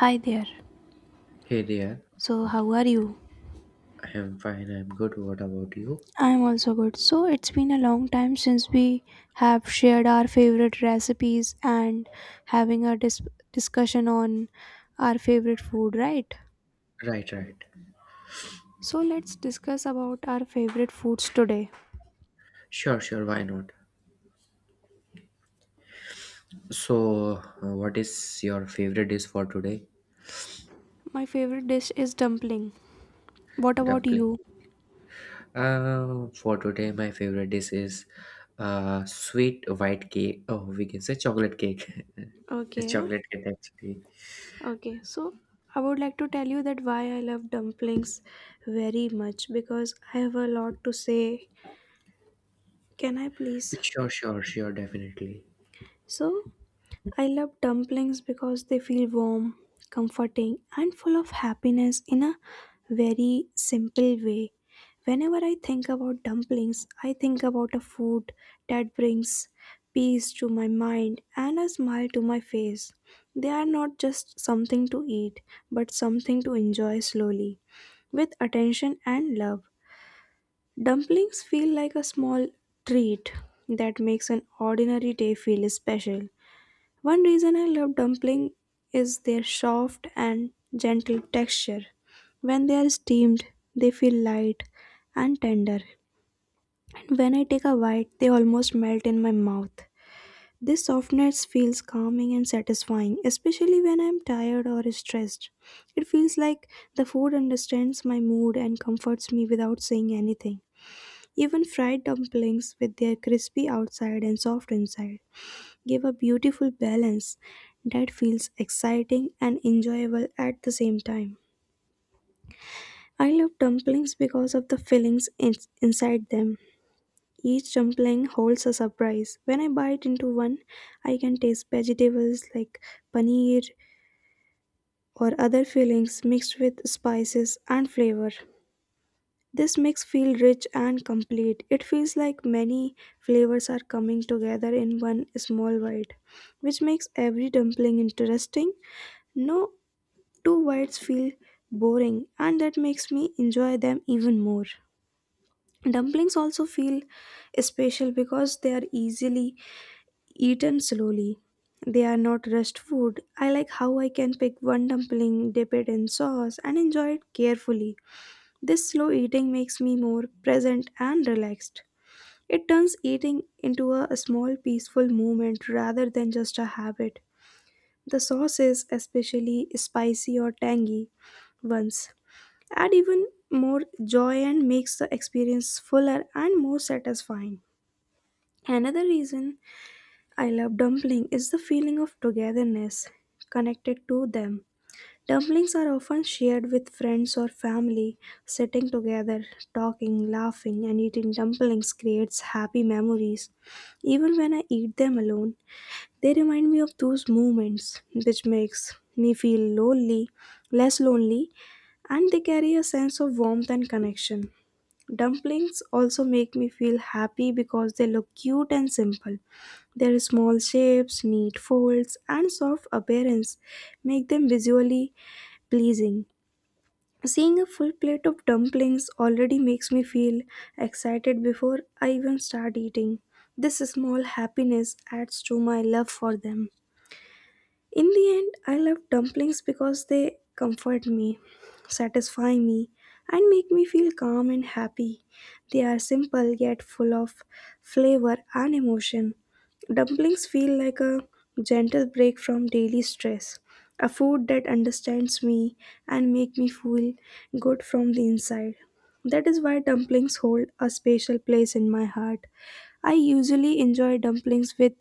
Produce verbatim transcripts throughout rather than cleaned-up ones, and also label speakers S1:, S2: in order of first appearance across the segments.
S1: Hi there.
S2: Hey there,
S1: So, how are you?
S2: I'm fine, I'm good. What about you?
S1: I'm also good. So, it's been a long time since we have shared our favorite recipes and having a dis- discussion on our favorite food, right?
S2: Right, right.
S1: So, let's discuss about our favorite foods today.
S2: Sure, sure, why not? So, uh, what is your favorite dish for today?
S1: My favorite dish is dumpling. What about
S2: Dumpling.
S1: you?
S2: Uh, for today, my favorite dish is uh, sweet white cake. Oh, we can say chocolate cake. A
S1: Okay.
S2: chocolate cake, actually.
S1: Okay. So, I would like to tell you that why I love dumplings very much because I have a lot to say. Can I please?
S2: Sure, sure, sure, definitely.
S1: So, I love dumplings because they feel warm, comforting, and full of happiness in a very simple way. Whenever I think about dumplings, I think about a food that brings peace to my mind and a smile to my face. They are not just something to eat, but something to enjoy slowly, with attention and love. Dumplings feel like a small treat that makes an ordinary day feel special. One reason I love dumpling is their soft and gentle texture. When they are steamed, they feel light and tender. And when I take a bite, they almost melt in my mouth. This softness feels calming and satisfying, especially when I'm tired or stressed. It feels like the food understands my mood and comforts me without saying anything. Even fried dumplings with their crispy outside and soft inside give a beautiful balance that feels exciting and enjoyable at the same time. I love dumplings because of the fillings in- inside them. Each dumpling holds a surprise. When I bite into one, I can taste vegetables like paneer or other fillings mixed with spices and flavor. This mix feels rich and complete. It feels like many flavors are coming together in one small bite, which makes every dumpling interesting. No two whites feel boring, and that makes me enjoy them even more. Dumplings also feel special because they are easily eaten slowly. They are not rushed food. I like how I can pick one dumpling, dip it in sauce, and enjoy it carefully. This slow eating makes me more present and relaxed. It turns eating into a small peaceful moment rather than just a habit. The sauces, especially spicy or tangy ones, add even more joy and makes the experience fuller and more satisfying. Another reason I love dumpling is the feeling of togetherness connected to them. Dumplings are often shared with friends or family. Sitting together, talking, laughing, and eating dumplings creates happy memories. Even when I eat them alone, they remind me of those moments which makes me feel lonely, less lonely, and they carry a sense of warmth and connection. Dumplings also make me feel happy because they look cute and simple. Their small shapes, neat folds, and soft appearance make them visually pleasing. Seeing a full plate of dumplings already makes me feel excited before I even start eating. This small happiness adds to my love for them. In the end, I love dumplings because they comfort me, satisfy me, and make me feel calm and happy. They are simple yet full of flavor and emotion. Dumplings feel like a gentle break from daily stress, a food that understands me and make me feel good from the inside. That is why dumplings hold a special place in my heart. I usually enjoy dumplings with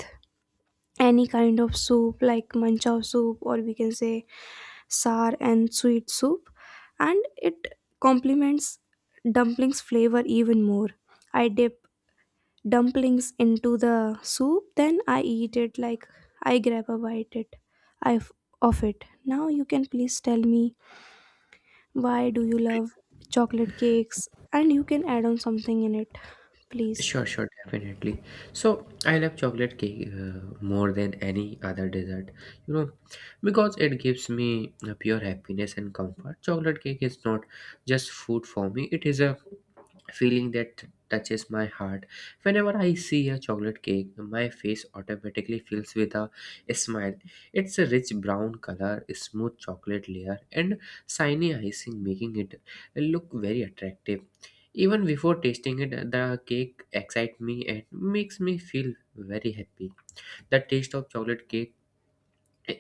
S1: any kind of soup like manchow soup, or we can say sour and sweet soup, and it complements dumplings flavor even more. I dip dumplings into the soup, then I eat it. Like, I grab a bite it i f- of it. Now you can please tell me, why do you love chocolate cakes? And you can add on something in it, please.
S2: Sure, sure, definitely. So I love chocolate cake uh, more than any other dessert, you know, because it gives me uh, pure happiness and comfort. Chocolate cake is not just food for me, it is a feeling that touches my heart. Whenever I see a chocolate cake, my face automatically fills with a smile. It's a rich brown color, smooth chocolate layer, and shiny icing, making it look very attractive. Even before tasting it, the cake excites me and makes me feel very happy. The taste of chocolate cake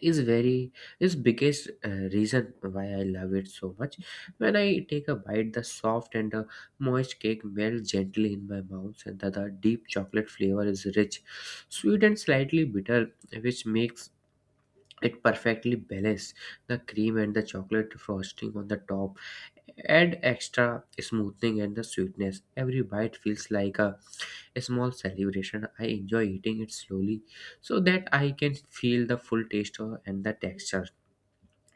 S2: is very is biggest uh, reason why I love it so much. When I take a bite, the soft and uh, moist cake melts gently in my mouth, and the, the deep chocolate flavor is rich, sweet and slightly bitter, which makes it perfectly balances the cream and the chocolate frosting on the top add extra smoothing and the sweetness. Every bite feels like a, a small celebration. I enjoy eating it slowly so that I can feel the full taste of- and the texture.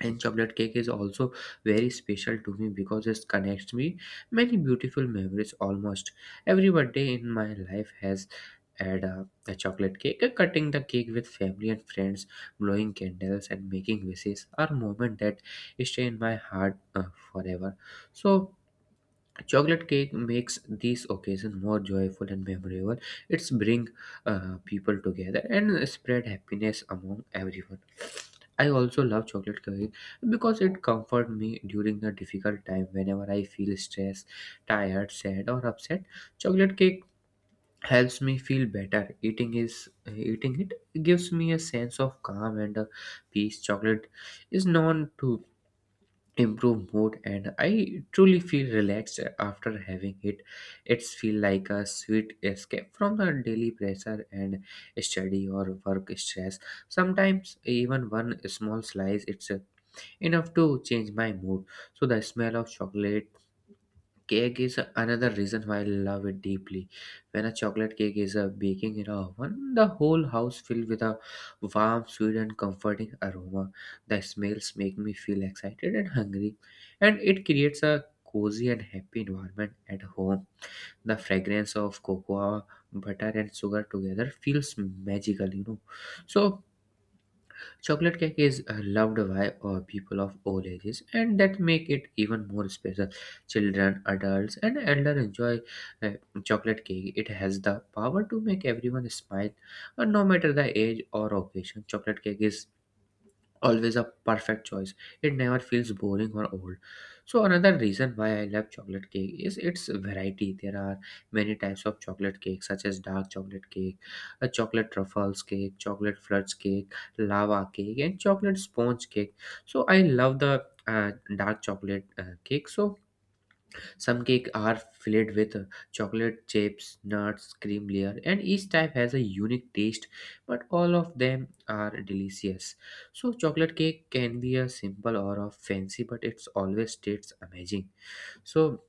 S2: And chocolate cake is also very special to me because it connects me many beautiful memories. Almost every birthday in my life has had a, a chocolate cake. Uh, cutting the cake with family and friends, blowing candles and making wishes are moments that stay in my heart uh, forever. So chocolate cake makes these occasions more joyful and memorable. It's bring uh, people together and spread happiness among everyone. I also love chocolate cake because it comforts me during the difficult time whenever I feel stressed, tired, sad or upset. Chocolate cake helps me feel better. Eating is eating it gives me a sense of calm and uh, peace. Chocolate is known to improve mood and I truly feel relaxed after having it. It's feel like a sweet escape from the daily pressure and study or work stress. Sometimes even one small slice it's uh, enough to change my mood. So the smell of chocolate cake is another reason why I love it deeply. When a chocolate cake is uh, baking in a oven, the whole house filled with a warm, sweet, and comforting aroma. The smells make me feel excited and hungry, and it creates a cozy and happy environment at home. The fragrance of cocoa, butter, and sugar together feels magical, you know. So chocolate cake is uh, loved by uh, people of all ages, and that make it even more special. Children, adults, and elder enjoy uh, chocolate cake. It has the power to make everyone smile, uh, no matter the age or occasion. Chocolate cake is always a perfect choice. It never feels boring or old. So another reason why I love chocolate cake is its variety. There are many types of chocolate cake such as dark chocolate cake, a chocolate truffles cake, chocolate flirts cake, lava cake and chocolate sponge cake. So I love the uh, dark chocolate uh, cake. So some cake are filled with chocolate chips, nuts, cream layer, and each type has a unique taste, but all of them are delicious. So chocolate cake can be a simple or a fancy, but it's always tastes amazing. So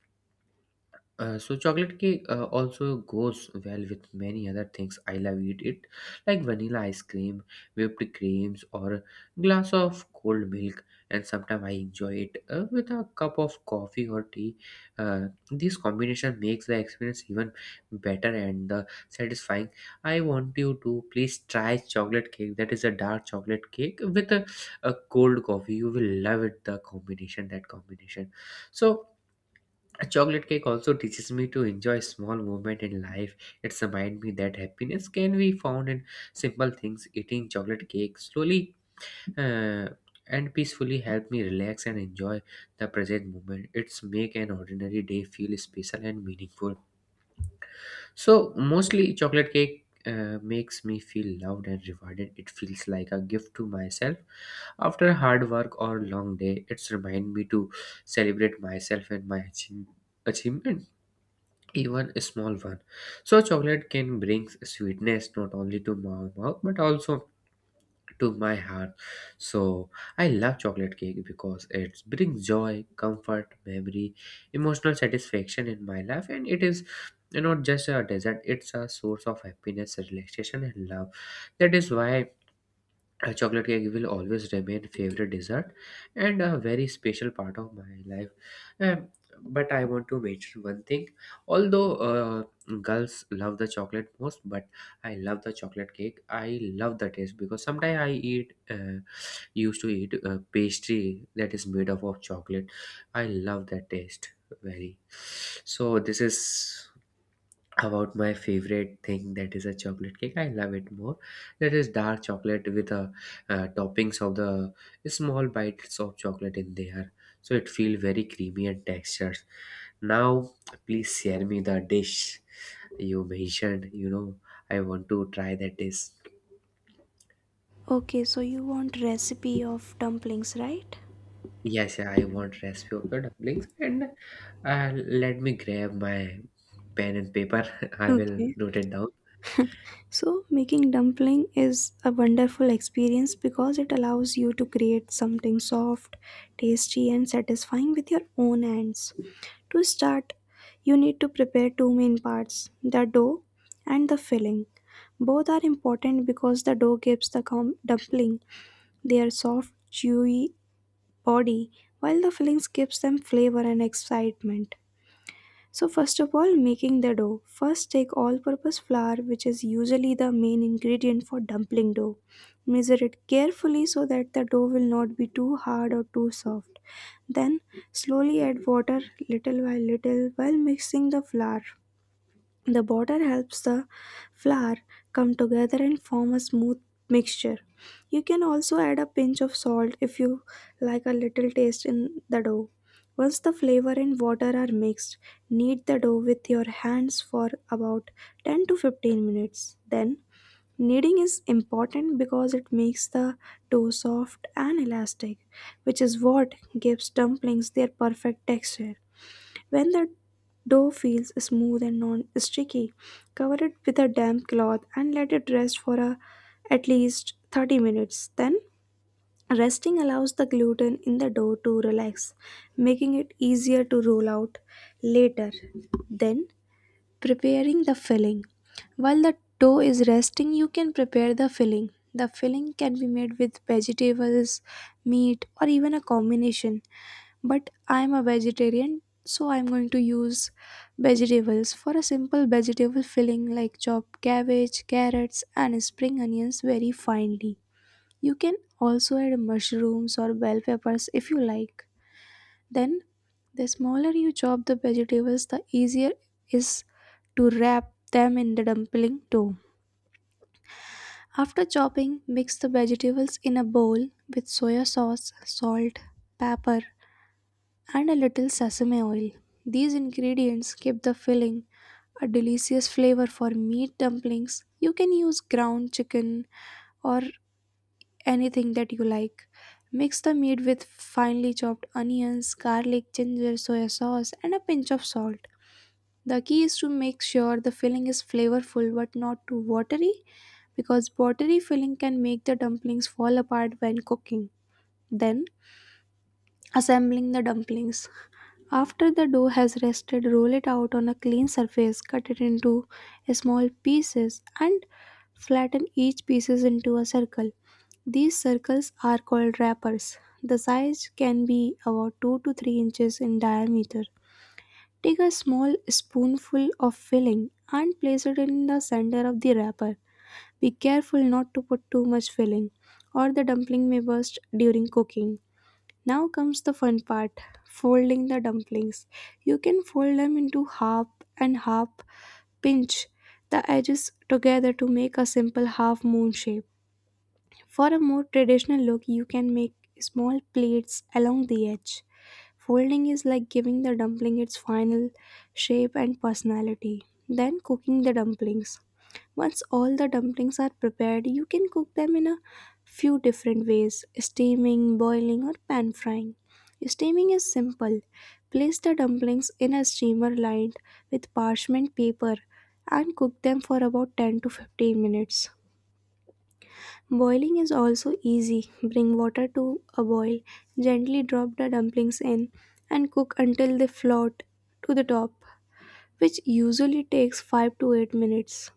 S2: uh, so chocolate cake uh, also goes well with many other things I love eat it, like vanilla ice cream, whipped creams or glass of cold milk, and sometimes I enjoy it uh, with a cup of coffee or tea. Uh, this combination makes the experience even better and uh, satisfying. I want you to please try chocolate cake, that is a dark chocolate cake with a, a cold coffee. You will love it, the combination, that combination. So a chocolate cake also teaches me to enjoy small moment in life. It reminds me that happiness can be found in simple things. Eating chocolate cake slowly uh, and peacefully help me relax and enjoy the present moment. It's make an ordinary day feel special and meaningful. So mostly chocolate cake uh, makes me feel loved and rewarded. It feels like a gift to myself after hard work or long day. It's remind me to celebrate myself and my achievement, even a small one. So chocolate can bring sweetness not only to my mouth but also to my heart. So I love chocolate cake because it brings joy, comfort, memory, emotional satisfaction in my life, and it is not just a dessert; it's a source of happiness, relaxation, and love. That is why. Uh, chocolate cake will always remain favorite dessert and a very special part of my life. Um, but I want to mention one thing. Although uh, girls love the chocolate most, but I love the chocolate cake. I love the taste because sometimes I eat uh, used to eat uh pastry that is made up of chocolate. I love that taste very. So this is about my favorite thing, that is a chocolate cake. I love it more, that is dark chocolate with a uh, toppings of the small bites of chocolate in there. So it feel very creamy and textured. Now please share me the dish you mentioned you know I want to try that dish.
S1: Okay, so you want recipe of dumplings, right?
S2: Yes, I want recipe of the dumplings and uh, let me grab my pen and paper. I will
S1: Okay.
S2: note it down.
S1: So, making dumpling is a wonderful experience because it allows you to create something soft, tasty, and satisfying with your own hands. To start, you need to prepare two main parts, the dough and the filling. Both are important because the dough gives the com- dumpling their soft, chewy body, while the fillings gives them flavor and excitement. So, first of all, making the dough. First, take all purpose flour, which is usually the main ingredient for dumpling dough. Measure it carefully so that the dough will not be too hard or too soft. Then, slowly add water little by little while mixing the flour. The batter helps the flour come together and form a smooth mixture. You can also add a pinch of salt if you like a little taste in the dough. Once the flavor and water are mixed, knead the dough with your hands for about ten to fifteen minutes. Then, kneading is important because it makes the dough soft and elastic, which is what gives dumplings their perfect texture. When the dough feels smooth and non-sticky, cover it with a damp cloth and let it rest for a, at least thirty minutes. Then, resting allows the gluten in the dough to relax, making it easier to roll out later. Then, preparing the filling. While the dough is resting, you can prepare the filling. The filling can be made with vegetables, meat, or even a combination. But I'm a vegetarian, so I'm going to use vegetables for a simple vegetable filling like chopped cabbage, carrots, and spring onions very finely. You can also add mushrooms or bell peppers if you like. Then, the smaller you chop the vegetables, the easier is to wrap them in the dumpling dough. After chopping, mix the vegetables in a bowl with soya sauce, salt, pepper, and a little sesame oil. These ingredients give the filling a delicious flavor. For meat dumplings, you can use ground chicken or anything that you like. Mix the meat with finely chopped onions, garlic, ginger, soy sauce, and a pinch of salt. The key is to make sure the filling is flavorful but not too watery, because watery filling can make the dumplings fall apart when cooking. Then, assembling the dumplings. After the dough has rested, roll it out on a clean surface, cut it into small pieces, and flatten each pieces into a circle. These circles are called wrappers. The size can be about two to three inches in diameter. Take a small spoonful of filling and place it in the center of the wrapper. Be careful not to put too much filling or the dumpling may burst during cooking. Now comes the fun part, folding the dumplings. You can fold them into half and half, pinch the edges together to make a simple half moon shape. For a more traditional look, you can make small plates along the edge. Folding is like giving the dumpling its final shape and personality. Then cooking the dumplings. Once all the dumplings are prepared, you can cook them in a few different ways, steaming, boiling, or pan frying. Steaming is simple. Place the dumplings in a steamer lined with parchment paper and cook them for about ten to fifteen minutes. Boiling is also easy. Bring water to a boil, gently drop the dumplings in, and cook until they float to the top, which usually takes five to eight minutes.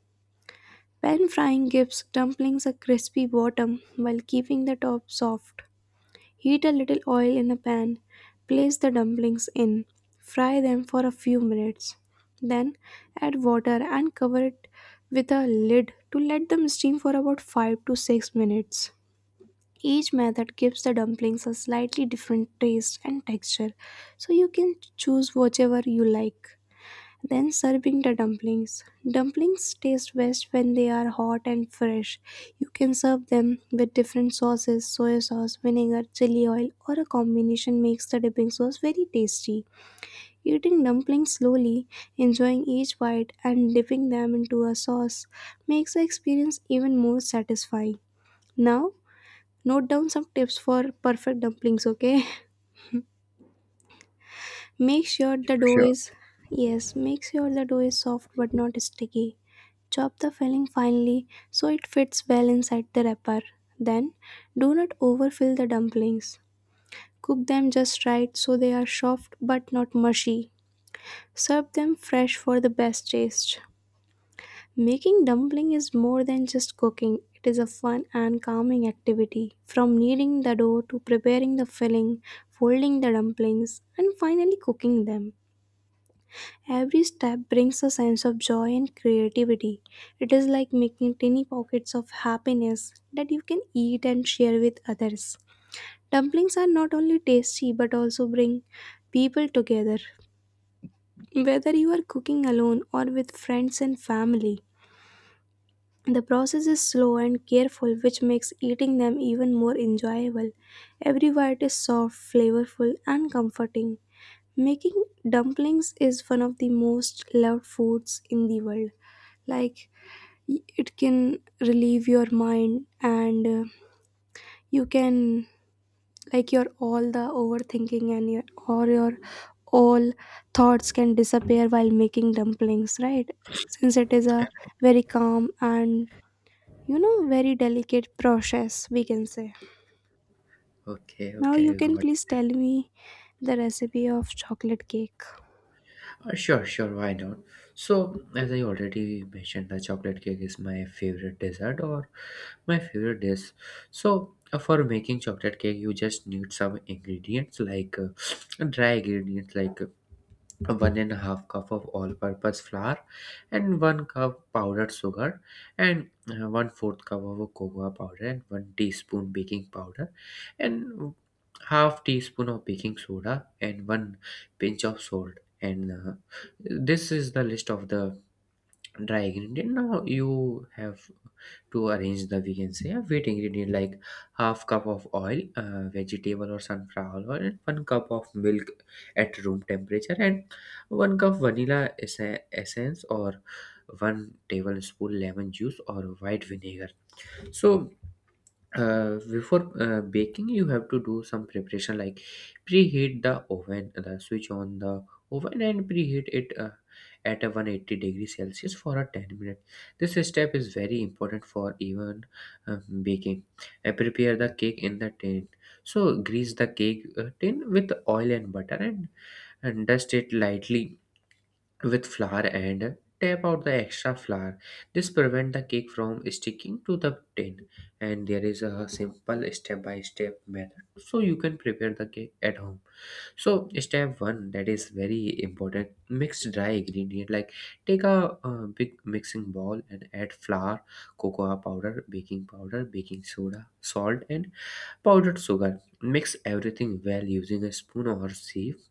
S1: Pan frying gives dumplings a crispy bottom while keeping the top soft. Heat a little oil in a pan, place the dumplings in, fry them for a few minutes. Then add water and cover it with a lid to let them steam for about five to six minutes. Each method gives the dumplings a slightly different taste and texture, so you can choose whichever you like. Then serving the dumplings. Dumplings taste best when they are hot and fresh. You can serve them with different sauces, soy sauce, vinegar, chili oil, or a combination makes the dipping sauce very tasty. Eating dumplings slowly, enjoying each bite, and dipping them into a sauce makes the experience even more satisfying. Now, note down some tips for perfect dumplings, okay? Make sure the dough
S2: Sure.
S1: is, yes, make sure the dough is soft but not sticky. Chop the filling finely so it fits well inside the wrapper. Then, do not overfill the dumplings. Cook them just right so they are soft but not mushy. Serve them fresh for the best taste. Making dumpling is more than just cooking. It is a fun and calming activity. From kneading the dough to preparing the filling, folding the dumplings, and finally cooking them. Every step brings a sense of joy and creativity. It is like making tiny pockets of happiness that you can eat and share with others. Dumplings are not only tasty but also bring people together. Whether you are cooking alone or with friends and family, the process is slow and careful, which makes eating them even more enjoyable. Every bite is soft, flavorful, and comforting. Making dumplings is one of the most loved foods in the world. Like, y- it can relieve your mind, and uh, you can, like, your all the overthinking and your or your all thoughts can disappear while making dumplings, right? Since it is a very calm and you know very delicate process, we can say.
S2: Okay,
S1: Now you
S2: okay,
S1: can
S2: got
S1: please
S2: it.
S1: tell me the recipe of chocolate cake.
S2: Uh, Sure, sure, why not? So, as I already mentioned, the chocolate cake is my favorite dessert or my favorite dish. So, uh, for making chocolate cake, you just need some ingredients like uh, dry ingredients like uh, one and a half cup of all-purpose flour and one cup powdered sugar and uh, one fourth cup of cocoa powder and one teaspoon baking powder and half teaspoon of baking soda and one pinch of salt and uh, this is the list of the dry ingredient. Now you have to arrange the, we can say, a wet ingredient, like half cup of oil, uh, vegetable or sunflower oil, and one cup of milk at room temperature, and one cup vanilla esse- essence or one tablespoon lemon juice or white vinegar. So uh, before uh, baking you have to do some preparation, like preheat the oven, the switch on the oven and preheat it uh, at a one hundred eighty degree celsius for a ten minutes. This step is very important for even uh, baking. Uh, prepare the cake in the tin. So grease the cake uh, tin with oil and butter, and, and dust it lightly with flour and tap out the extra flour. This prevent the cake from sticking to the tin. And there is a simple step by step method so you can prepare the cake at home. So step one, that is very important, mix dry ingredient, like take a uh, big mixing bowl and add flour, cocoa powder, baking powder, baking soda, salt, and powdered sugar. Mix everything well using a spoon or sieve.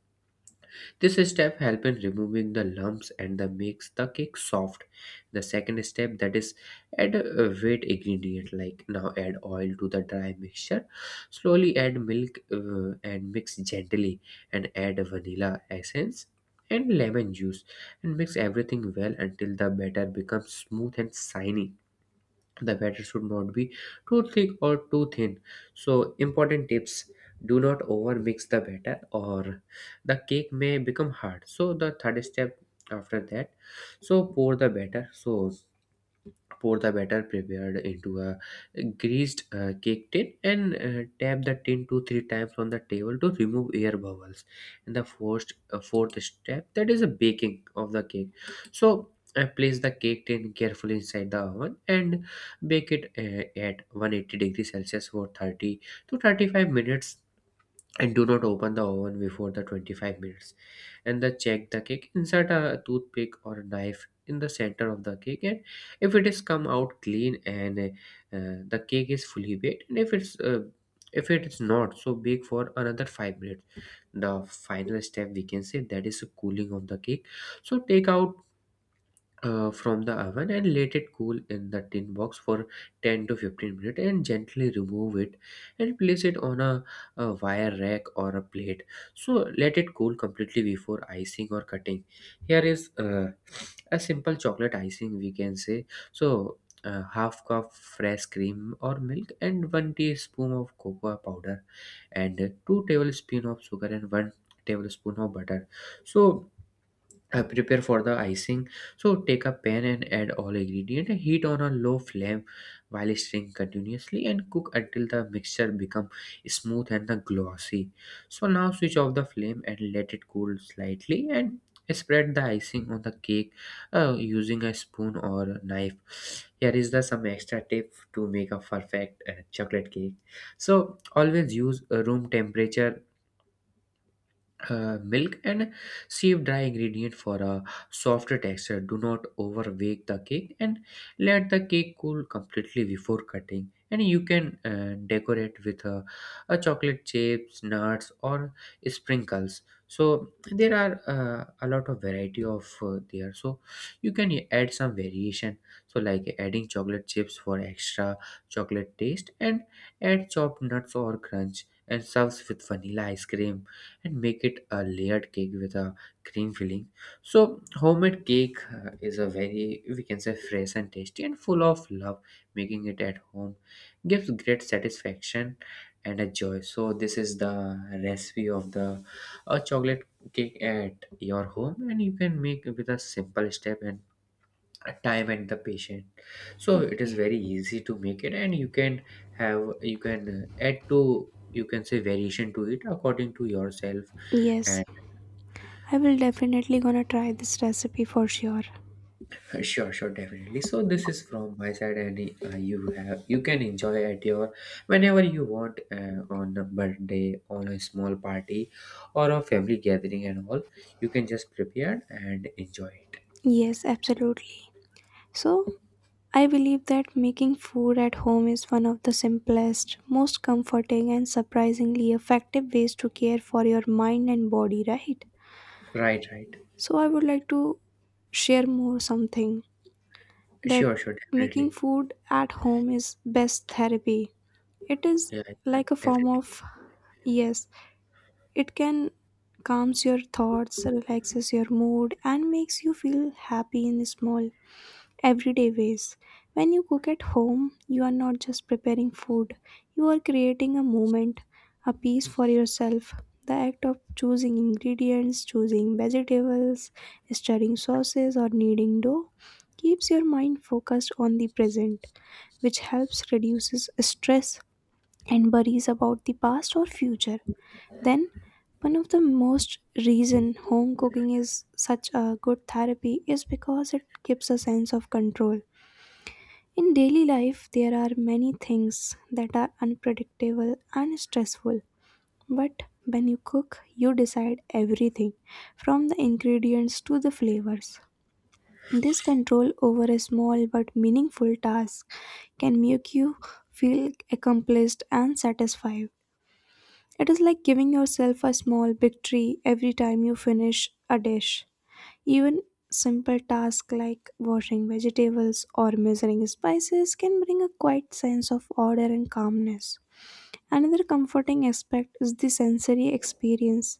S2: This step helps in removing the lumps and the makes the cake soft. The second step, that is add a wet ingredient, like now add oil to the dry mixture. Slowly add milk uh, and mix gently, and add vanilla essence and lemon juice and mix everything well until the batter becomes smooth and shiny. The batter should not be too thick or too thin. So important tips: do not over mix the batter or the cake may become hard. So the third step, after that, so pour the batter so pour the batter prepared into a greased uh, cake tin and uh, tap the tin two three times on the table to remove air bubbles. And the fourth uh, fourth step, that is a baking of the cake. So I place the cake tin carefully inside the oven and bake it uh, at one hundred eighty degrees Celsius for thirty to thirty-five minutes, and do not open the oven before the twenty-five minutes. And then check the cake, insert a toothpick or a knife in the center of the cake, and if it is come out clean, and uh, the cake is fully baked. And if it's uh, if it is not, so bake for another five minutes. The final step, we can say, that is cooling of the cake. So take out uh, from the oven and let it cool in the tin box for ten to fifteen minutes and gently remove it and place it on a, a wire rack or a plate. So let it cool completely before icing or cutting. Here is uh, a simple chocolate icing, we can say. So uh, half cup fresh cream or milk and one teaspoon of cocoa powder and two tablespoon of sugar and one tablespoon of butter So uh, prepare for the icing. So take a pan and add all ingredient, heat on a low flame while stirring continuously and cook until the mixture become smooth and the glossy. So now switch off the flame and let it cool slightly and spread the icing on the cake uh, using a spoon or knife. Here is the some extra tip to make a perfect uh, chocolate cake. So always use a room temperature uh, milk and sieve dry ingredient for a softer texture, do not overbake the cake, and let the cake cool completely before cutting, and you can uh, decorate with uh, a chocolate chips, nuts or sprinkles. So there are uh, a lot of variety of uh, there, so you can add some variation, so like adding chocolate chips for extra chocolate taste, and add chopped nuts or crunch and serves with vanilla ice cream, and make it a layered cake with a cream filling. So homemade cake uh, is a very, we can say, fresh and tasty and full of love. Making it at home gives great satisfaction and a joy. So this is the recipe of the uh, chocolate cake at your home, and you can make it with a simple step and time and the patient. So it is
S1: Okay.
S2: very easy to make it and you can have you can uh, add to, you can say, variation to it according to yourself
S1: Yes.
S2: and
S1: I will definitely gonna try this recipe for sure.
S2: uh, sure, sure, definitely. So this is from my side and uh, you have you can enjoy at your, whenever you want, uh, on a birthday, on a small party or a family gathering and all, you can just prepare and enjoy it.
S1: Yes, absolutely. So, I believe that making food at home is one of the simplest, most comforting, and surprisingly effective ways to care for your mind and body, right?
S2: Right, right.
S1: So, I would like to share more something that
S2: Sure, sure,
S1: making
S2: definitely.
S1: food at home is best therapy. It is
S2: Yeah, yeah,
S1: like a form
S2: definitely.
S1: of, yes, it can calms your thoughts, relaxes your mood, and makes you feel happy in small, everyday ways. When you cook at home, you are not just preparing food, you are creating a moment, a piece for yourself. The act of choosing ingredients, choosing vegetables, stirring sauces, or kneading dough keeps your mind focused on the present, which helps reduces stress and worries about the past or future. Then, one of the most reason home cooking is such a good therapy is because it gives a sense of control. In daily life, there are many things that are unpredictable and stressful. But when you cook, you decide everything from the ingredients to the flavors. This control over a small but meaningful task can make you feel accomplished and satisfied. It is like giving yourself a small victory every time you finish a dish. Even simple tasks like washing vegetables or measuring spices can bring a quiet sense of order and calmness. Another comforting aspect is the sensory experience.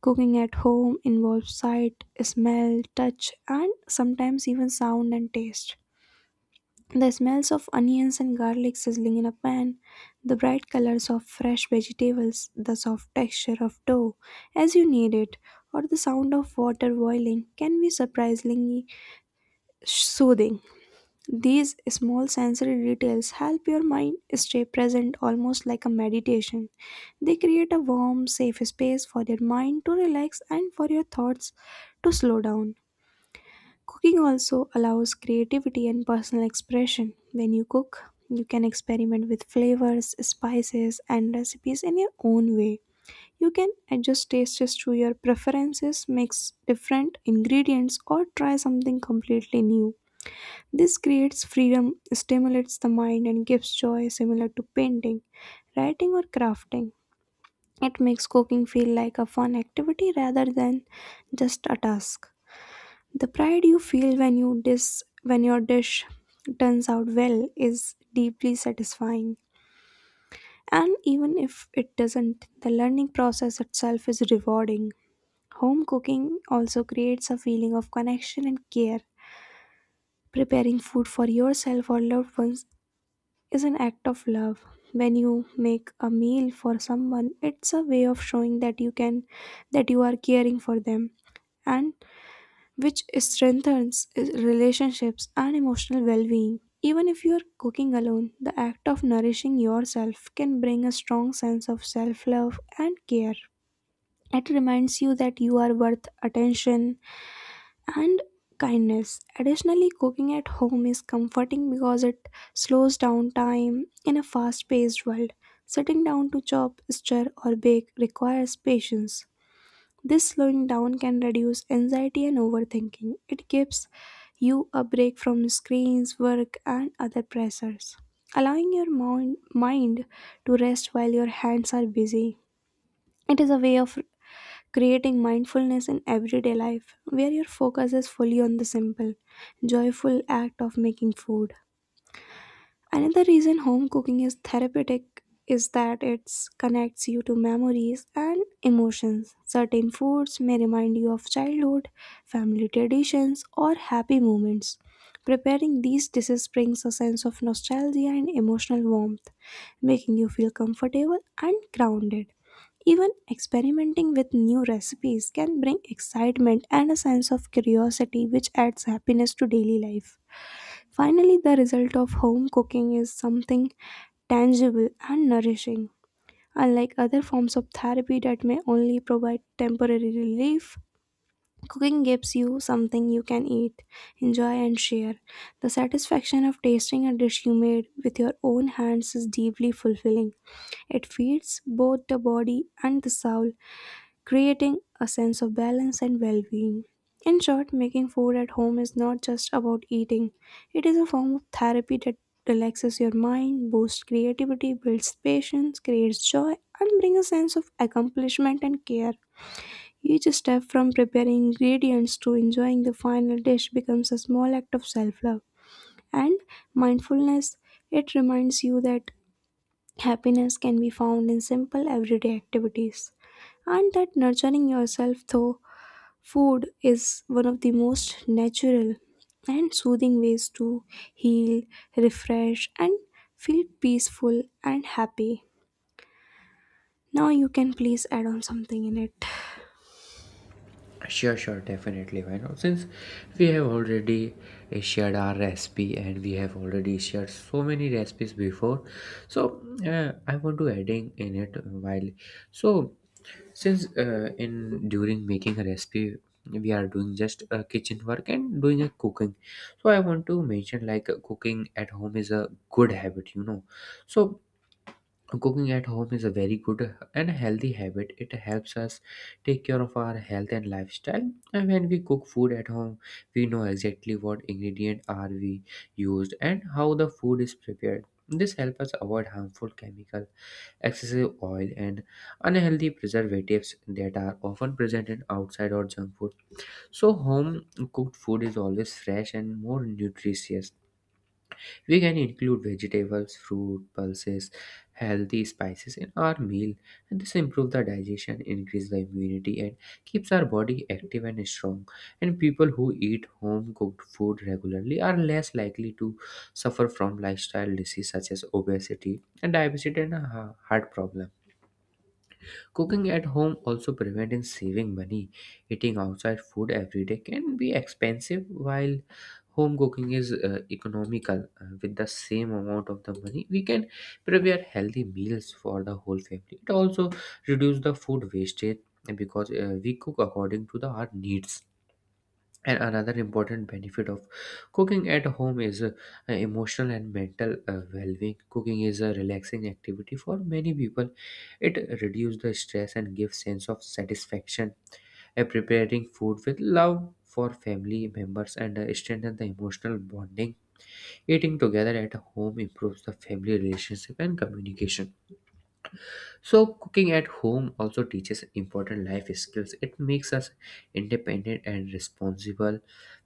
S1: Cooking at home involves sight, smell, touch, and sometimes even sound and taste. The smells of onions and garlic sizzling in a pan, the bright colors of fresh vegetables, the soft texture of dough as you knead it, or the sound of water boiling can be surprisingly soothing. These small sensory details help your mind stay present almost like a meditation. They create a warm, safe space for your mind to relax and for your thoughts to slow down. Cooking also allows creativity and personal expression. When you cook, you can experiment with flavors, spices, and recipes in your own way. You can adjust tastes to your preferences, mix different ingredients, or try something completely new. This creates freedom, stimulates the mind, and gives joy similar to painting, writing, or crafting. It makes cooking feel like a fun activity rather than just a task. The pride you feel when you dis when your dish turns out well is deeply satisfying. And even if it doesn't, the learning process itself is rewarding. Home cooking also creates a feeling of connection and care. Preparing food for yourself or loved ones is an act of love. When you make a meal for someone, it's a way of showing that you can that you are caring for them. And which strengthens relationships and emotional well being. Even if you are cooking alone, the act of nourishing yourself can bring a strong sense of self love and care. It reminds you that you are worth attention and kindness. Additionally, cooking at home is comforting because it slows down time in a fast paced world. Sitting down to chop, stir, or bake requires patience. This slowing down can reduce anxiety and overthinking. It gives you a break from screens, work, and other pressures, allowing your moun- mind to rest while your hands are busy. It is a way of creating mindfulness in everyday life where your focus is fully on the simple, joyful act of making food. Another reason home cooking is therapeutic is that it connects you to memories and emotions. Certain foods may remind you of childhood, family traditions, or happy moments. Preparing these dishes brings a sense of nostalgia and emotional warmth, making you feel comfortable and grounded. Even experimenting with new recipes can bring excitement and a sense of curiosity, which adds happiness to daily life. Finally, the result of home cooking is something tangible and nourishing. Unlike other forms of therapy that may only provide temporary relief, cooking gives you something you can eat, enjoy, and share. The satisfaction of tasting a dish you made with your own hands is deeply fulfilling. It feeds both the body and the soul, creating a sense of balance and well being. In short, making food at home is not just about eating, it is a form of therapy that relaxes your mind, boosts creativity, builds patience, creates joy, and brings a sense of accomplishment and care. Each step from preparing ingredients to enjoying the final dish becomes a small act of self love and mindfulness. It reminds you that happiness can be found in simple everyday activities and that nurturing yourself through food is one of the most natural and soothing ways to heal, refresh, and feel peaceful and happy. Now you can please add on something in it.
S2: Sure, sure, definitely. Why not? Since we have already uh, shared our recipe and we have already shared so many recipes before, so uh, I want to adding in it while. So since uh, in during making a recipe, we are doing just uh, kitchen work and doing a cooking. So I want to mention like uh, cooking at home is a good habit, you know. So cooking at home is a very good and healthy habit. It helps us take care of our health and lifestyle. And when we cook food at home, we know exactly what ingredient are we used and how the food is prepared. This helps us avoid harmful chemical, excessive oil, and unhealthy preservatives that are often present in outside or junk food. So home cooked food is always fresh and more nutritious. We can include vegetables, fruit, pulses, healthy spices in our meal, and this improves the digestion, increase the immunity, and keeps our body active and strong. And people who eat home cooked food regularly are less likely to suffer from lifestyle disease such as obesity and diabetes and uh, heart problems. Cooking at home also prevents in saving money. Eating outside food every day can be expensive, while home cooking is uh, economical. Uh, with the same amount of the money, we can prepare healthy meals for the whole family. It also reduces the food wastage because uh, we cook according to the our needs. And another important benefit of cooking at home is uh, emotional and mental uh, well-being. Cooking is a relaxing activity for many people. It reduces the stress and gives sense of satisfaction. Uh, preparing food with love for family members and uh, strengthen the emotional bonding. Eating together at home improves the family relationship and communication. So cooking at home also teaches important life skills. It makes us independent and responsible.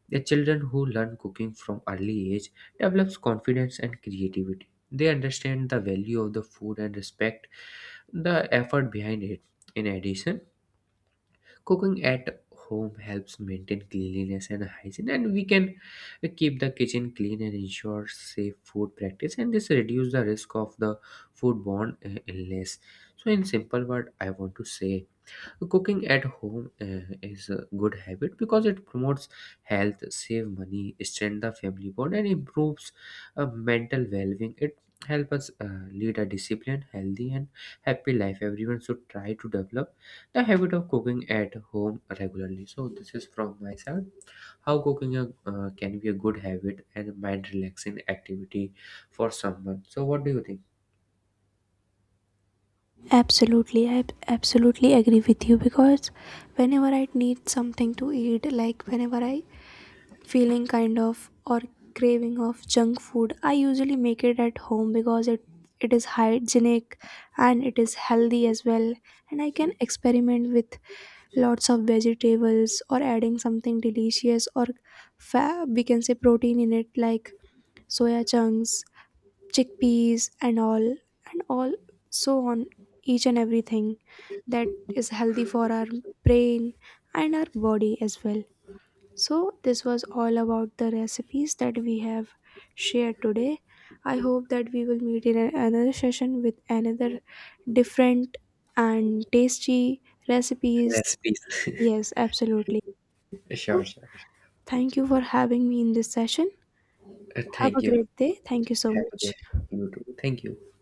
S2: The children who learn cooking from early age develops confidence and creativity. They understand the value of the food and respect the effort behind it. In addition, cooking at home helps maintain cleanliness and hygiene, and we can keep the kitchen clean and ensure safe food practice, and this reduce the risk of the foodborne uh, illness. So in simple word I want to say, so cooking at home uh, is a good habit because it promotes health, save money, strengthen the family bond, and improves uh, mental well-being. It helps us uh, lead a disciplined, healthy, and happy life. Everyone should try to develop the habit of cooking at home regularly. So this is from my side. How cooking a, uh, can be a good habit and mind-relaxing activity for someone. So what do you think?
S1: Absolutely, I absolutely agree with you because whenever I need something to eat, like whenever I feeling kind of or craving of junk food, I usually make it at home because it it is hygienic and it is healthy as well, and I can experiment with lots of vegetables or adding something delicious or fa- we can say protein in it like soya chunks, chickpeas and all and all, so on, each and everything that is healthy for our brain and our body as well. So, this was all about the recipes that we have shared today. I hope that we will meet in a- another session with another different and tasty recipes.
S2: Recipes.
S1: Yes, absolutely.
S2: Sure, sure.
S1: Thank you for having me in this session.
S2: Uh,
S1: Have
S2: thank
S1: a
S2: you.
S1: great day. Thank you so
S2: Have a
S1: much.
S2: great, you too. Thank you.